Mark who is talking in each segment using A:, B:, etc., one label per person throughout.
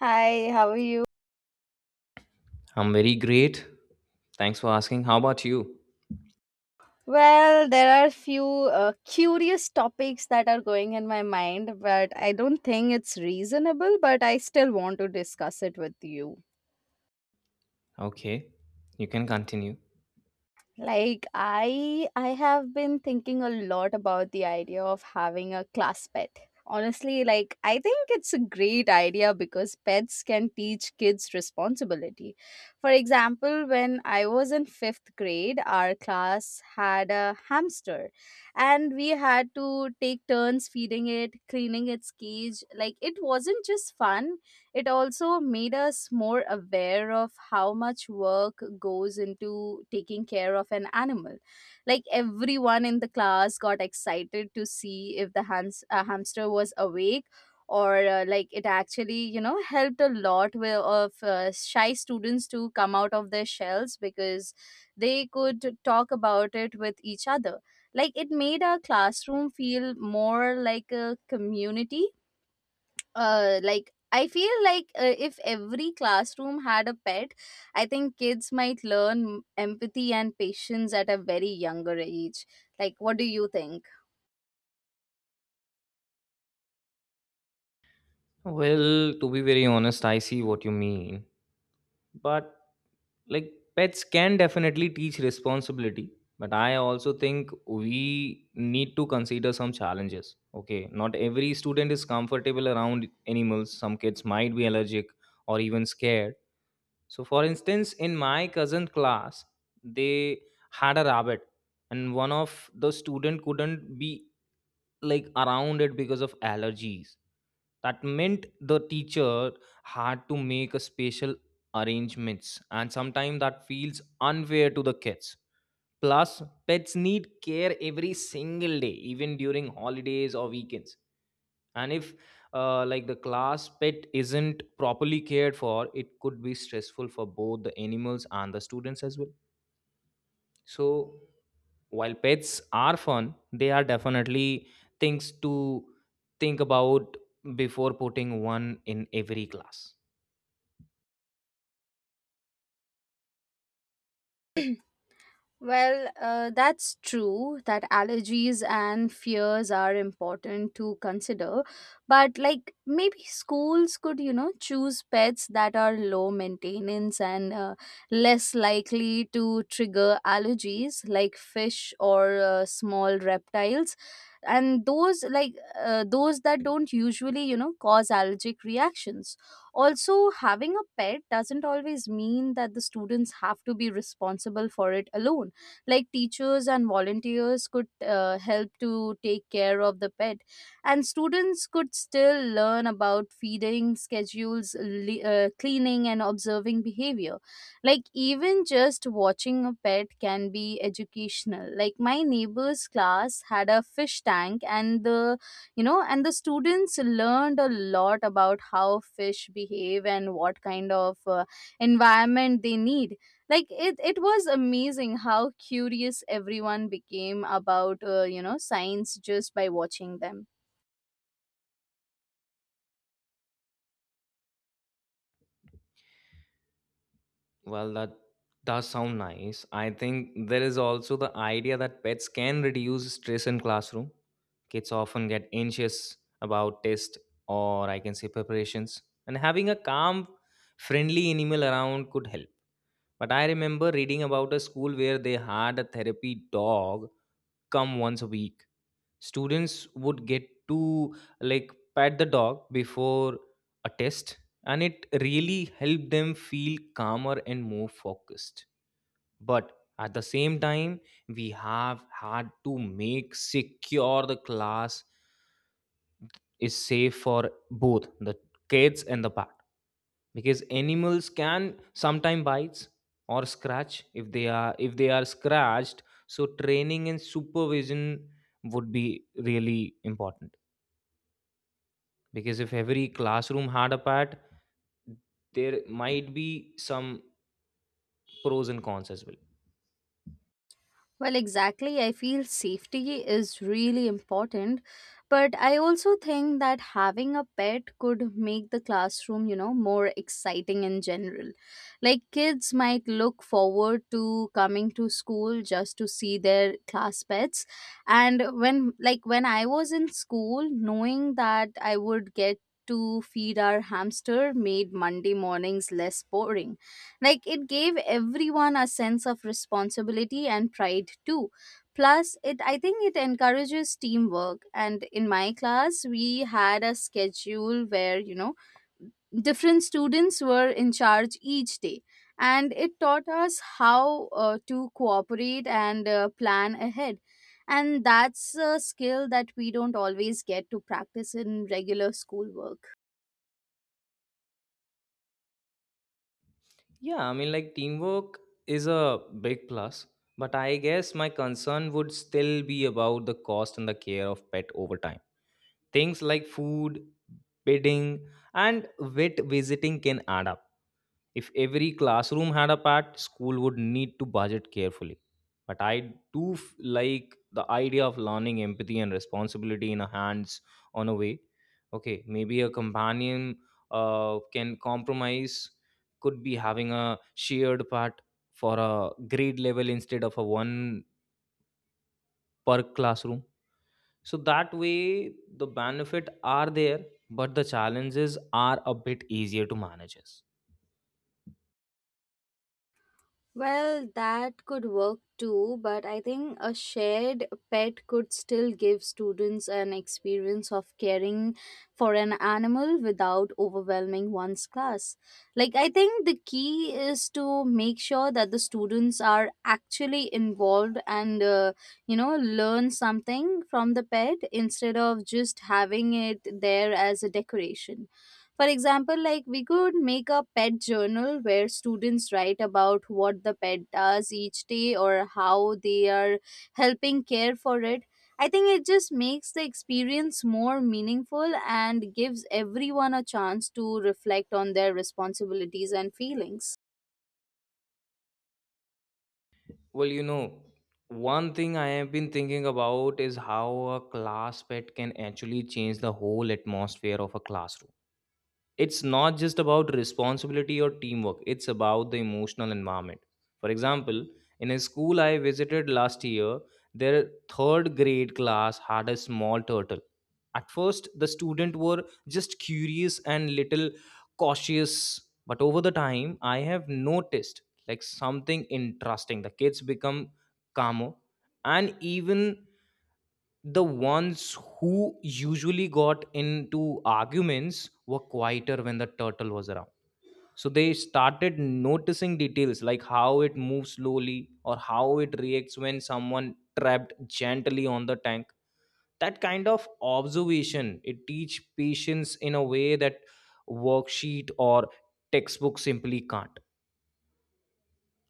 A: Hi, how are you?
B: I'm very great. Thanks for asking. How about you?
A: Well, there are few curious topics that are going in my mind, but I don't think it's reasonable, but I still want to discuss it with you.
B: Okay, you can continue.
A: Like I have been thinking a lot about the idea of having a class pet. Honestly, like I think it's a great idea because pets can teach kids responsibility. For example, when I was in 5th grade, our class had a hamster and we had to take turns feeding it, cleaning its cage. Like it wasn't just fun, it also made us more aware of how much work goes into taking care of an animal. Like everyone in the class got excited to see if the hamster was awake or like it actually helped a lot with of shy students to come out of their shells because they could talk about it with each other. Like it made our classroom feel more like a community. Like I feel like, if every classroom had a pet, I think kids might learn empathy and patience at a very younger age. Like, what do you think?
B: Well, to be very honest, I see what you mean. But like pets can definitely teach responsibility, but I also think we need to consider some challenges. Okay, not every student is comfortable around animals. Some kids might be allergic or even scared. So for instance, in my cousin class, they had a rabbit, and one of the student couldn't be, like, around it because of allergies. That meant the teacher had to make a special arrangements, and sometimes that feels unfair to the kids. Plus, pets need care every single day, even during holidays or weekends. And if like the class pet isn't properly cared for, it could be stressful for both the animals and the students as well. So while pets are fun, they are definitely things to think about before putting one in every class.
A: Well, that's true that allergies and fears are important to consider. But, like, maybe schools could, you know, choose pets that are low maintenance and less likely to trigger allergies, like fish or small reptiles. And those, like, those that don't usually, you know, cause allergic reactions. Also, having a pet doesn't always mean that the students have to be responsible for it alone. Like teachers and volunteers could help to take care of the pet, and students could still learn about feeding schedules, cleaning and observing behavior. Like even just watching a pet can be educational. Like my neighbor's class had a fish tank, and the you know and the students learned a lot about how fish behave and what kind of environment they need. Like it was amazing how curious everyone became about, you know, science just by watching them.
B: Well, that does sound nice. I think there is also the idea that pets can reduce stress in classroom. Kids often get anxious about test, or I can say preparations, and having a calm, friendly animal around could help. But I remember reading about a school where they had a therapy dog come once a week. Students would get to like pat the dog before a test, and it really helped them feel calmer and more focused. But at the same time, we have had to make secure the class is safe for both the kids and the parents, because animals can sometimes bites or scratch if they are scratched. So training and supervision would be really important, because if every classroom had a pet there might be some pros and cons as well.
A: Well, exactly. I feel safety is really important, but I also think that having a pet could make the classroom, you know, more exciting in general. Like kids might look forward to coming to school just to see their class pets. And when I was in school, knowing that I would get to feed our hamster made Monday mornings less boring. Like it gave everyone a sense of responsibility and pride too. Plus, it I think it encourages teamwork. And in my class, we had a schedule where, you know, different students were in charge each day, and it taught us how, to cooperate and plan ahead. And that's a skill that we don't always get to practice in regular schoolwork.
B: Yeah, I mean, like teamwork is a big plus, but I guess my concern would still be about the cost and the care of pet over time. Things like food, bedding, and vet visiting can add up. If every classroom had a pet, school would need to budget carefully. But I do like the idea of learning empathy and responsibility in a hands on a way. Okay, maybe a companion can compromise, could be having a shared part for a grade level instead of a one per classroom. So that way, the benefit are there, but the challenges are a bit easier to manage.
A: Well, that could work too, but I think a shared pet could still give students an experience of caring for an animal without overwhelming one's class. Like, I think the key is to make sure that the students are actually involved and, you know, learn something from the pet instead of just having it there as a decoration. For example, like we could make a pet journal where students write about what the pet does each day or how they are helping care for it. I think it just makes the experience more meaningful and gives everyone a chance to reflect on their responsibilities and feelings.
B: Well, you know, one thing I have been thinking about is how a class pet can actually change the whole atmosphere of a classroom. It's not just about responsibility or teamwork, it's about the emotional environment. For example, in a school I visited last year, their third grade class had a small turtle. At first the students were just curious and little cautious, but over the time I have noticed like something interesting. The kids become calmer, and even the ones who usually got into arguments were quieter when the turtle was around. So they started noticing details like how it moves slowly or how it reacts when someone trapped gently on the tank. That kind of observation, it teach patience in a way that worksheet or textbook simply can't.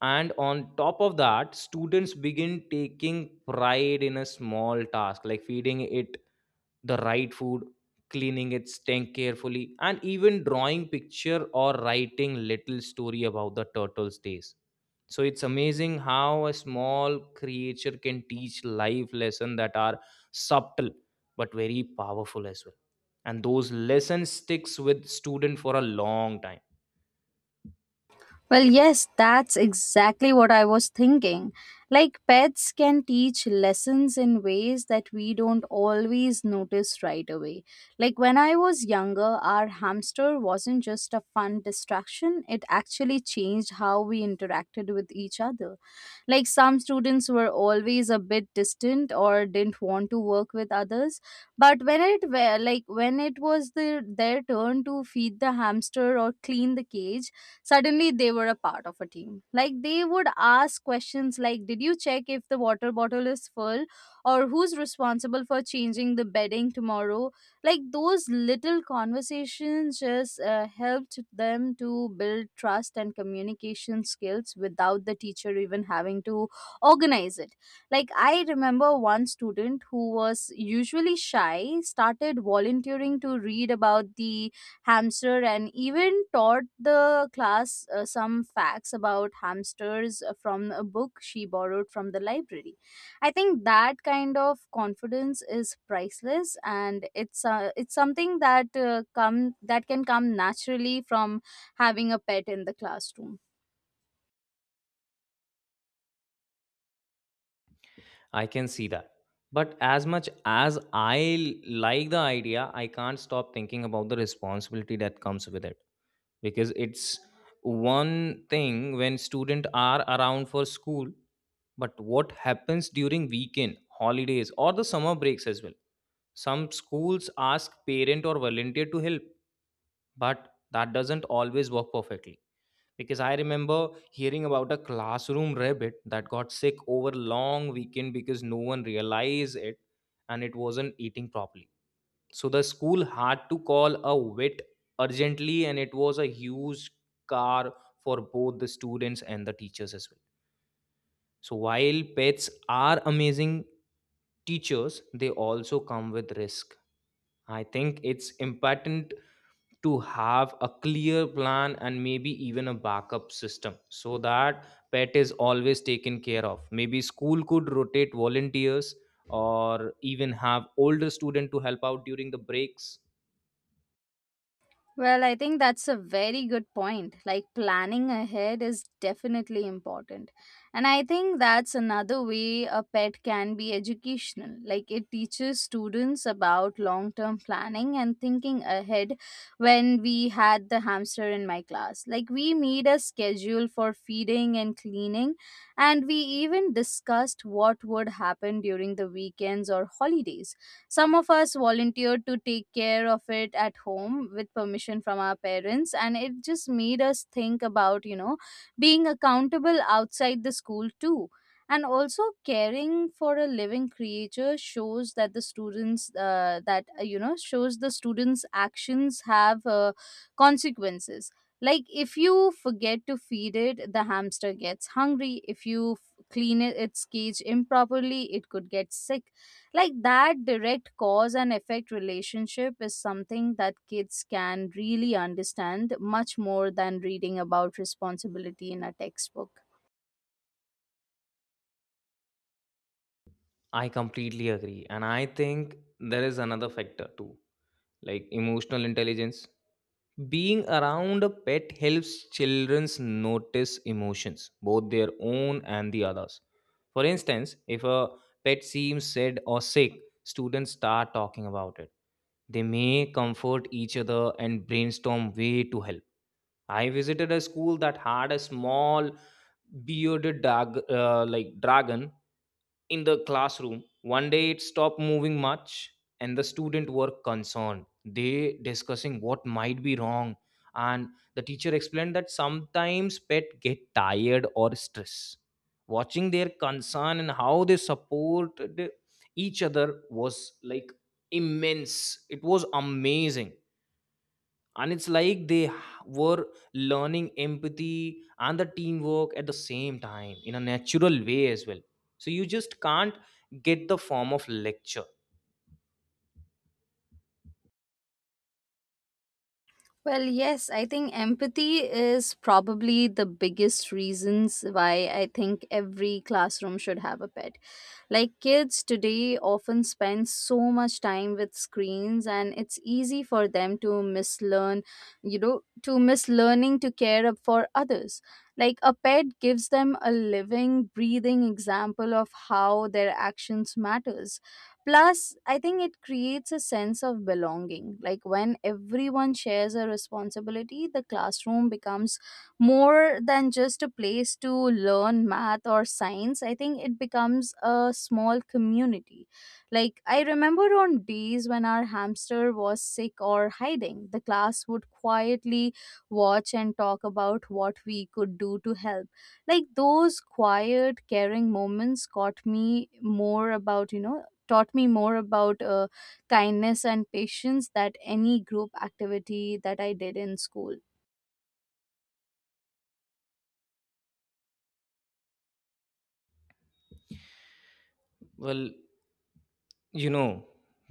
B: And on top of that, students begin taking pride in a small task like feeding it the right food, cleaning its tank carefully, and even drawing picture or writing little story about the turtle's days. So it's amazing how a small creature can teach life lessons that are subtle but very powerful as well, and those lessons sticks with student for a long time.
A: Well, yes, that's exactly what I was thinking. Like, pets can teach lessons in ways that we don't always notice right away. Like, when I was younger, our hamster wasn't just a fun distraction, it actually changed how we interacted with each other. Like some students were always a bit distant or didn't want to work with others, but when it was their turn to feed the hamster or clean the cage, suddenly they were a part of a team. Like they would ask questions like, "Did you check if the water bottle is full?" or "Who's responsible for changing the bedding tomorrow?" Like those little conversations just helped them to build trust and communication skills without the teacher even having to organize it. Like I remember one student who was usually shy started volunteering to read about the hamster and even taught the class some facts about hamsters from a book she borrowed from the library. I think that kind of confidence is priceless, and it's something that come that can come naturally from having a pet in the classroom.
B: I can see that. But as much as I like the idea, I can't stop thinking about the responsibility that comes with it, because it's one thing when students are around for school, but what happens during weekend, holidays, or the summer breaks as well? Some schools ask parent or volunteer to help, but that doesn't always work perfectly. Because I remember hearing about a classroom rabbit that got sick over long weekend because no one realized it and it wasn't eating properly. So the school had to call a vet urgently, and it was a huge car for both the students and the teachers as well. So while pets are amazing teachers, they also come with risk. I think it's important to have a clear plan and maybe even a backup system so that pet is always taken care of. Maybe school could rotate volunteers or even have older student to help out during the breaks.
A: Well, I think that's a very good point. Like planning ahead is definitely important. And I think that's another way a pet can be educational. Like it teaches students about long term planning and thinking ahead. When we had the hamster in my class, like we made a schedule for feeding and cleaning, and we even discussed what would happen during the weekends or holidays. Some of us volunteered to take care of it at home with permission from our parents, and it just made us think about, you know, being accountable outside the school too. And also, caring for a living creature shows that the students, that, you know, shows the students' actions have consequences. Like, if you forget to feed it, the hamster gets hungry. If you clean it, its cage improperly, it could get sick. Like that direct cause and effect relationship is something that kids can really understand much more than reading about responsibility in a textbook.
B: I completely agree, and I think there is another factor too, like emotional intelligence. Being around a pet helps children notice emotions, both their own and the others. For instance, if a pet seems sad or sick, students start talking about it. They may comfort each other and brainstorm way to help. I visited a school that had a small bearded dragon in the classroom. One day it stopped moving much, and the student were concerned. They discussing what might be wrong, and the teacher explained that sometimes pet get tired or stress. Watching their concern and how they supported each other was, like, immense. It was amazing. And it's like they were learning empathy and the teamwork at the same time in a natural way as well. So you just can't get the form of lecture.
A: Well, yes, I think empathy is probably the biggest reasons why I think every classroom should have a pet. Like kids today often spend so much time with screens and it's easy for them to mislearning to care up for others. Like a pet gives them a living, breathing example of how their actions matters. Plus, I think it creates a sense of belonging. Like when everyone shares a responsibility, the classroom becomes more than just a place to learn math or science. I think it becomes a small community. Like I remember on days when our hamster was sick or hiding, the class would quietly watch and talk about what we could do to help. Like those quiet caring moments got me more about you know taught me more about kindness and patience that any group activity that I did in school.
B: Well, you know,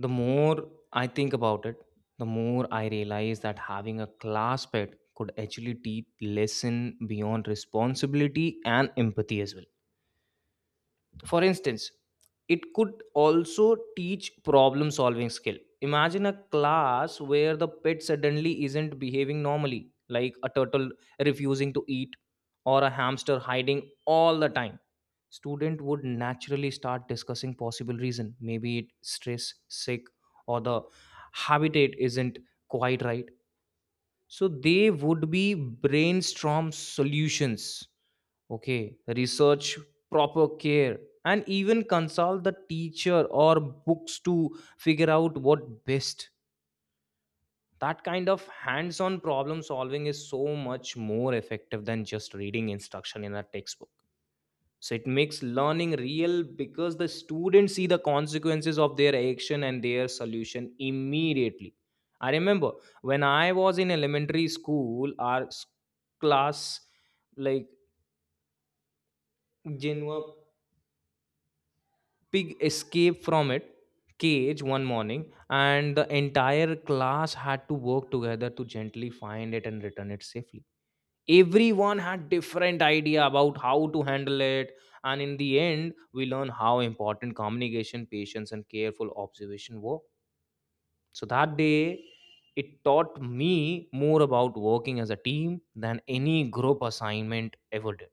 B: the more I think about it, the more I realize that having a class pet could actually teach lesson beyond responsibility and empathy as well. For instance, it could also teach problem solving skill. Imagine a class where the pet suddenly isn't behaving normally, like a turtle refusing to eat or a hamster hiding all the time. Student would naturally start discussing possible reason, maybe it stress, sick, or the habitat isn't quite right. So they would be brainstorm solutions. Okay, research proper care and even consult the teacher or books to figure out what best. That kind of hands on problem solving is so much more effective than just reading instruction in a textbook. So it makes learning real, because the students see the consequences of their action and their solution immediately. I remember when I was in elementary school, our class, like, Jinwa pig escaped from it cage one morning, and the entire class had to work together to gently find it and return it safely. Everyone had different idea about how to handle it, and in the end we learn how important communication patience and careful observation were. So that day, it taught me more about working as a team than any group assignment ever did.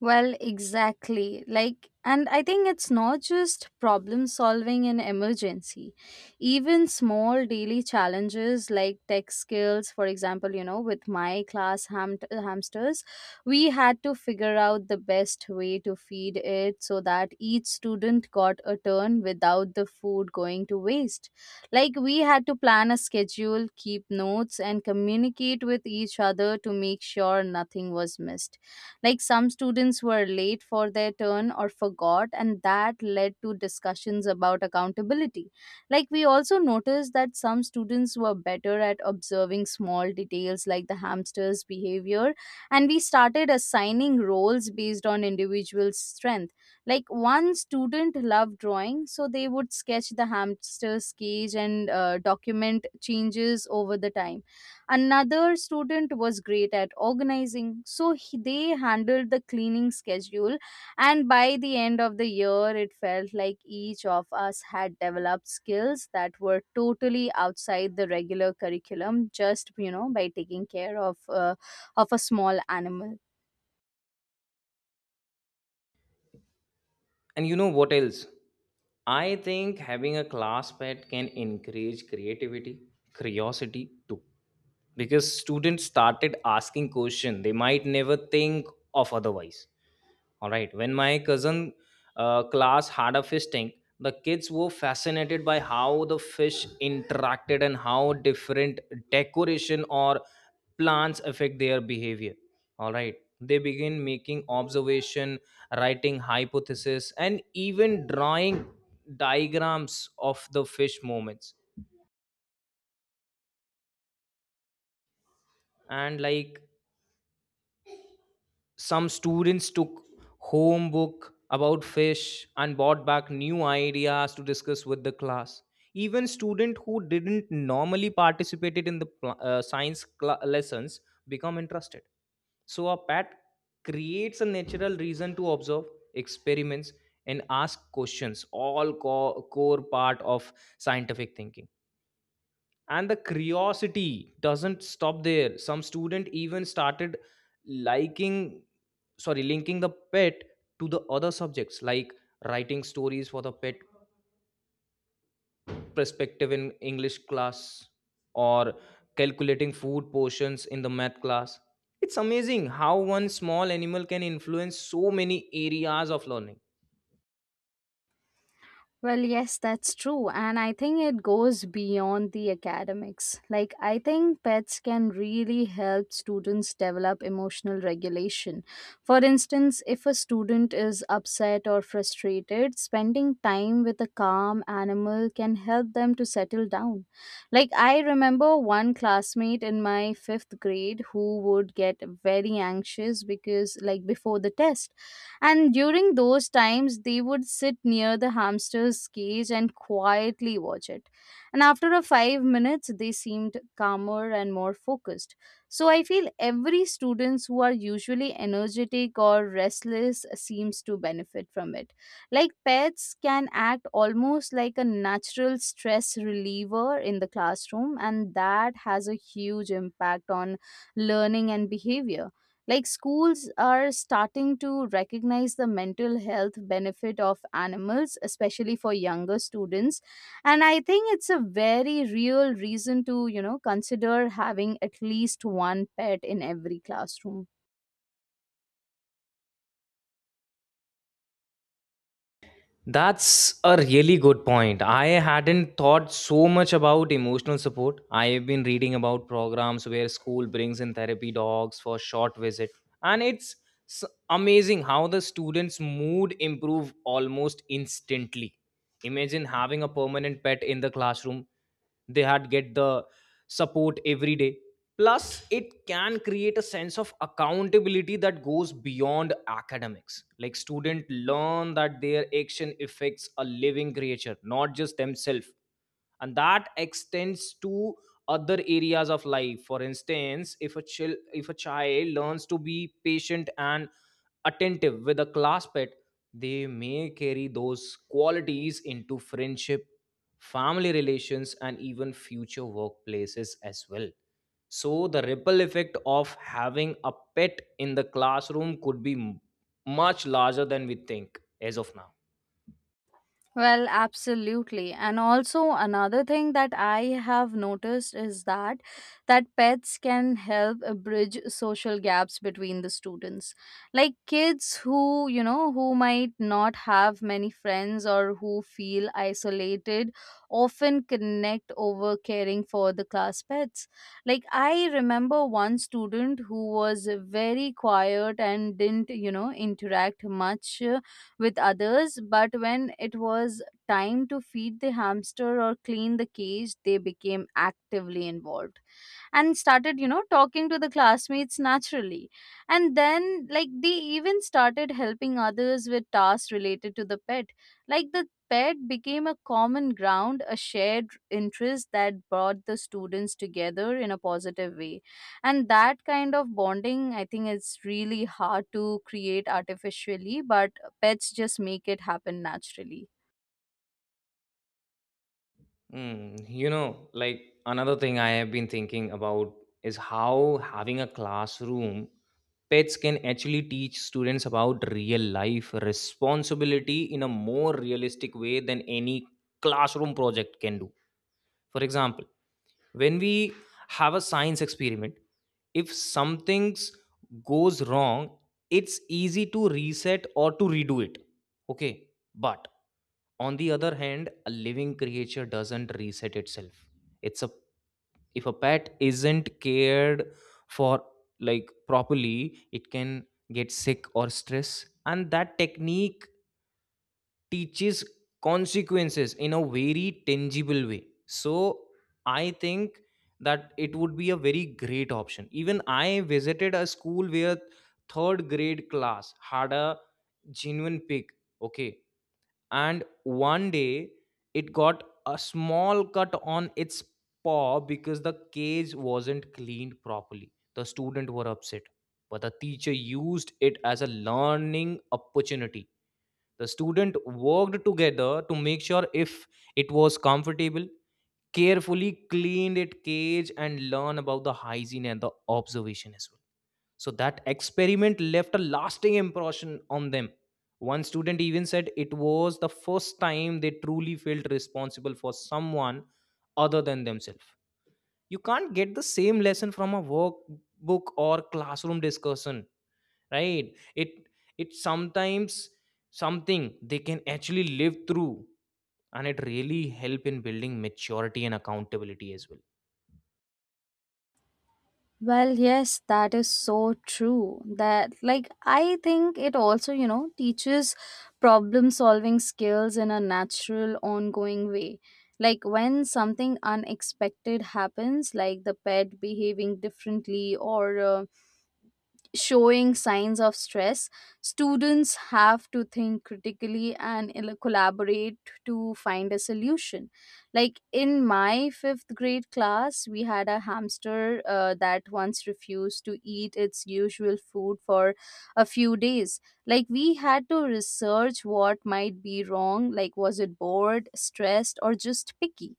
A: Well, exactly. Like, and I think it's not just problem solving in emergency. Even small daily challenges like tech skills, for example, you know, with my class hamsters, we had to figure out the best way to feed it so that each student got a turn without the food going to waste. Like, we had to plan a schedule, keep notes, and communicate with each other to make sure nothing was missed. Like some students were late for their turn or forgot, and that led to discussions about accountability. Like we also noticed that some students were better at observing small details like the hamster's behavior, and we started assigning roles based on individual strength. Like one student loved drawing, so they would sketch the hamster's cage and document changes over the time. Another student was great at organizing, so they handled the cleaning schedule. And by the end of the year, it felt like each of us had developed skills that were totally outside the regular curriculum, just, you know, by taking care of, of a small animal.
B: And you know what else? I think having a class pet can encourage creativity, curiosity too. Because students started asking questions they might never think of otherwise. All right. When my cousin class had a fish tank, the kids were fascinated by how the fish interacted and how different decoration or plants affect their behavior. All right. They begin making observation, writing hypothesis, and even drawing diagrams of the fish movements. And like some students took home book about fish and brought back new ideas to discuss with the class. Even students who didn't normally participated in the science cla lessons become interested. So a pet creates a natural reason to observe, experiments, and ask questions, all core part of scientific thinking. And the curiosity doesn't stop there. Some student even started liking sorry linking the pet to the other subjects, like writing stories for the pet perspective in English class, or calculating food portions in the math class. It's amazing how one small animal can influence so many areas of learning.
A: Well, yes, that's true. And I think it goes beyond the academics. Like, I think pets can really help students develop emotional regulation. For instance, if a student is upset or frustrated, spending time with a calm animal can help them to settle down. Like, I remember one classmate in my fifth grade who would get very anxious because, like, before the test, and during those times, they would sit near the hamster's cage and quietly watch it. And after a 5 minutes, they seemed calmer and more focused. So I feel every students who are usually energetic or restless seems to benefit from it. Like pets can act almost like a natural stress reliever in the classroom, and that has a huge impact on learning and behavior. Like schools are starting to recognize the mental health benefit of animals, especially for younger students. And I think it's a very real reason to, you know, consider having at least one pet in every classroom.
B: That's a really good point. I hadn't thought so much about emotional support. I have been reading about programs where school brings in therapy dogs for short visit, and it's s- amazing how the students mood improve almost instantly. Imagine having a permanent pet in the classroom. They had get the support every day. Plus it can create a sense of accountability that goes beyond academics, like students learn that their action affects a living creature, not just themselves. And that extends to other areas of life. For instance, if a child learns to be patient and attentive with a class pet, they may carry those qualities into friendship, family relations, and even future workplaces as well. So, the ripple effect of having a pet in the classroom could be much larger than we think as of now.
A: Well, absolutely. And also another thing that I have noticed is that pets can help bridge social gaps between the students. Like kids who, you know, who might not have many friends or who feel isolated often connect over caring for the class pets. Like I remember one student who was very quiet and didn't, you know, interact much with others, but when it was time to feed the hamster or clean the cage, they became actively involved and started, you know, talking to the classmates naturally. And then, like, they even started helping others with tasks related to the pet. Like the pet became a common ground, a shared interest that brought the students together in a positive way. And that kind of bonding, I think, is really hard to create artificially, but pets just make it happen naturally.
B: Mm, you know, like another thing I have been thinking about is how having a classroom pets can actually teach students about real life responsibility in a more realistic way than any classroom project can do. For example, when we have a science experiment, if something goes wrong, it's easy to reset or to redo it, okay, but on the other hand, a living creature doesn't reset itself. It's a If a pet isn't cared for, like, properly, it can get sick or stress, and that technique teaches consequences in a very tangible way. So I think that it would be a very great option. Even I visited a school where third grade class had a genuine pig, okay, and one day it got a small cut on its paw because the cage wasn't cleaned properly. The student were upset, but the teacher used it as a learning opportunity. The student worked together to make sure if it was comfortable, carefully cleaned its cage, and learn about the hygiene and the observation as well. So that experiment left a lasting impression on them. One student even said it was the first time they truly felt responsible for someone other than themselves. You can't get the same lesson from a workbook or classroom discussion, right? it it sometimes something they can actually live through, and it really help in building maturity and accountability as well.
A: Well, yes, that is so true. That, like, I think it also, you know, teaches problem solving skills in a natural, ongoing way. Like, when something unexpected happens, like the pet behaving differently or showing signs of stress, students have to think critically and collaborate to find a solution. Like in my fifth grade class, we had a hamster that once refused to eat its usual food for a few days. Like we had to research what might be wrong, like was it bored, stressed, or just picky?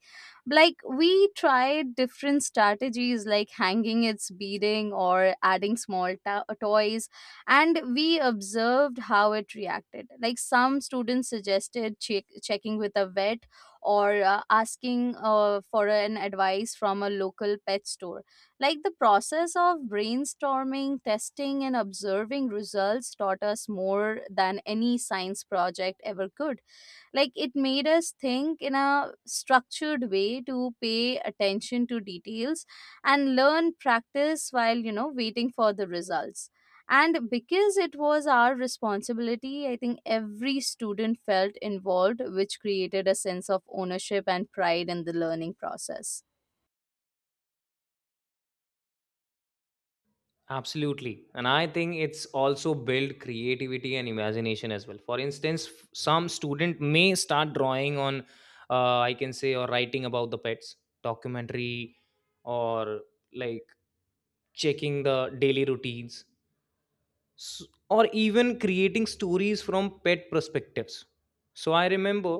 A: Like we tried different strategies like hanging its beading or adding small toys, and we observed how it reacted. Like some students suggested checking with a vet or asking for an advice from a local pet store. Like the process of brainstorming, testing and observing results taught us more than any science project ever could. Like it made us think in a structured way, to pay attention to details and learn practice while, you know, waiting for the results. And because it was our responsibility, I think every student felt involved, which created a sense of ownership and pride in the learning process.
B: Absolutely, and I think it's also build creativity and imagination as well. For instance, some student may start drawing on, I can say, or writing about the pets documentary, or, like, checking the daily routines, or even creating stories from pet perspectives. So I remember,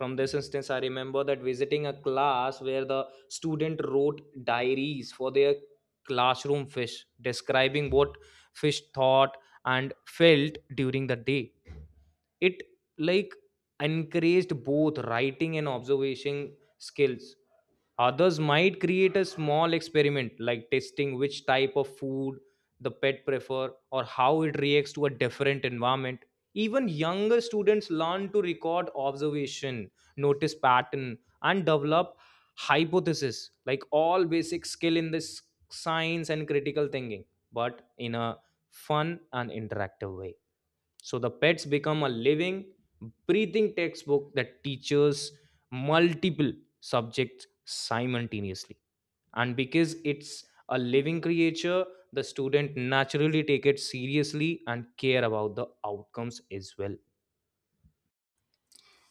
B: from this instance I remember, that visiting a class where the student wrote diaries for their classroom fish, describing what fish thought and felt during the day. It, like, encouraged both writing and observation skills. Others might create a small experiment like testing which type of food the pet prefer or how it reacts to a different environment. Even younger students learn to record observation, notice pattern, and develop hypothesis, like all basic skill in this science and critical thinking, but in a fun and interactive way. So the pets become a living, breathing textbook that teaches multiple subjects simultaneously. And because it's a living creature, the student naturally take it seriously and care about the outcomes as well.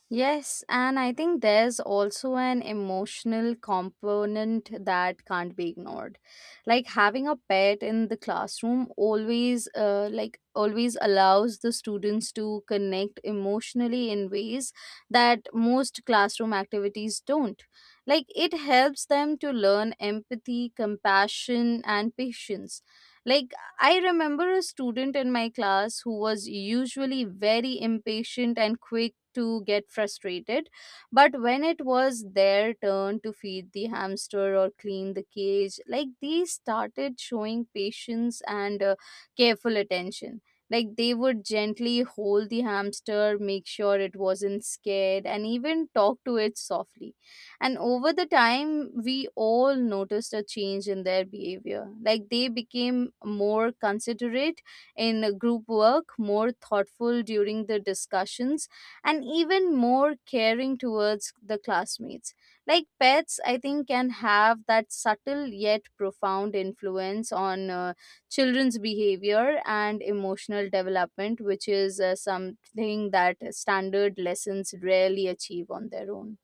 A: Yes, and I think there's also an emotional component that can't be ignored. Like having a pet in the classroom always allows the students to connect emotionally in ways that most classroom activities don't. Like it helps them to learn empathy, compassion and patience. Like I remember a student in my class who was usually very impatient and quick to get frustrated, but when it was their turn to feed the hamster or clean the cage, like they started showing patience and careful attention. Like they would gently hold the hamster, make sure it wasn't scared, and even talk to it softly. And over the time, we all noticed a change in their behavior. Like they became more considerate in group work, more thoughtful during the discussions, and even more caring towards the classmates. Like pets, I think, can have that subtle yet profound influence on children's behavior and emotional development, which is, something that standard lessons rarely achieve on their own.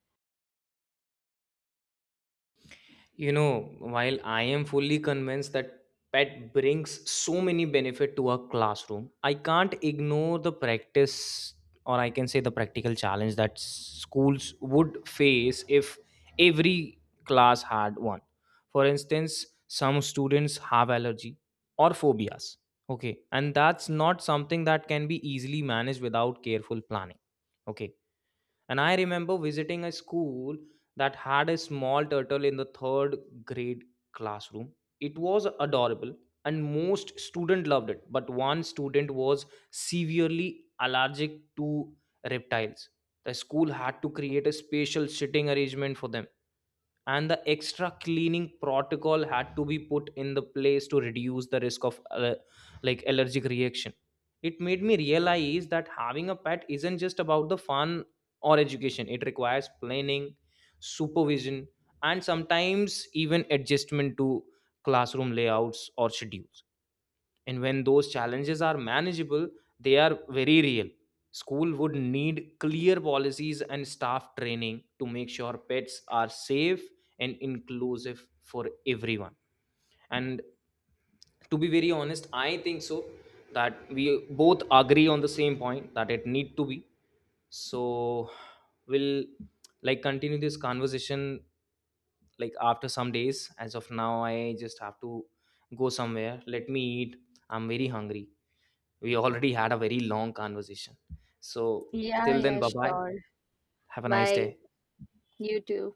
B: You know, while I am fully convinced that pet brings so many benefit to a classroom, I can't ignore the practice, or I can say the practical challenge that schools would face if every class had one. For instance, some students have allergy or phobias. Okay, and that's not something that can be easily managed without careful planning, okay, and I remember visiting a school that had a small turtle in the third grade classroom. It was adorable, and most student loved it, but one student was severely allergic to reptiles. The school had to create a special sitting arrangement for them, and the extra cleaning protocol had to be put in the place to reduce the risk of, like, allergic reaction. It made me realize that having a pet isn't just about the fun or education. It requires planning, supervision, and sometimes even adjustment to classroom layouts or schedules. And when those challenges are manageable, they are very real. School would need clear policies and staff training to make sure pets are safe and inclusive for everyone. And to be very honest, I think so, that we both agree on the same point, that it need to be. So we'll, like, continue this conversation, like, after some days. As of now, I just have to go somewhere. Let me eat, I'm very hungry. We already had a very long conversation. So
A: Yeah,
B: till then,
A: yeah,
B: bye bye.
A: sure.
B: Have a nice
A: Bye.
B: day.
A: You too.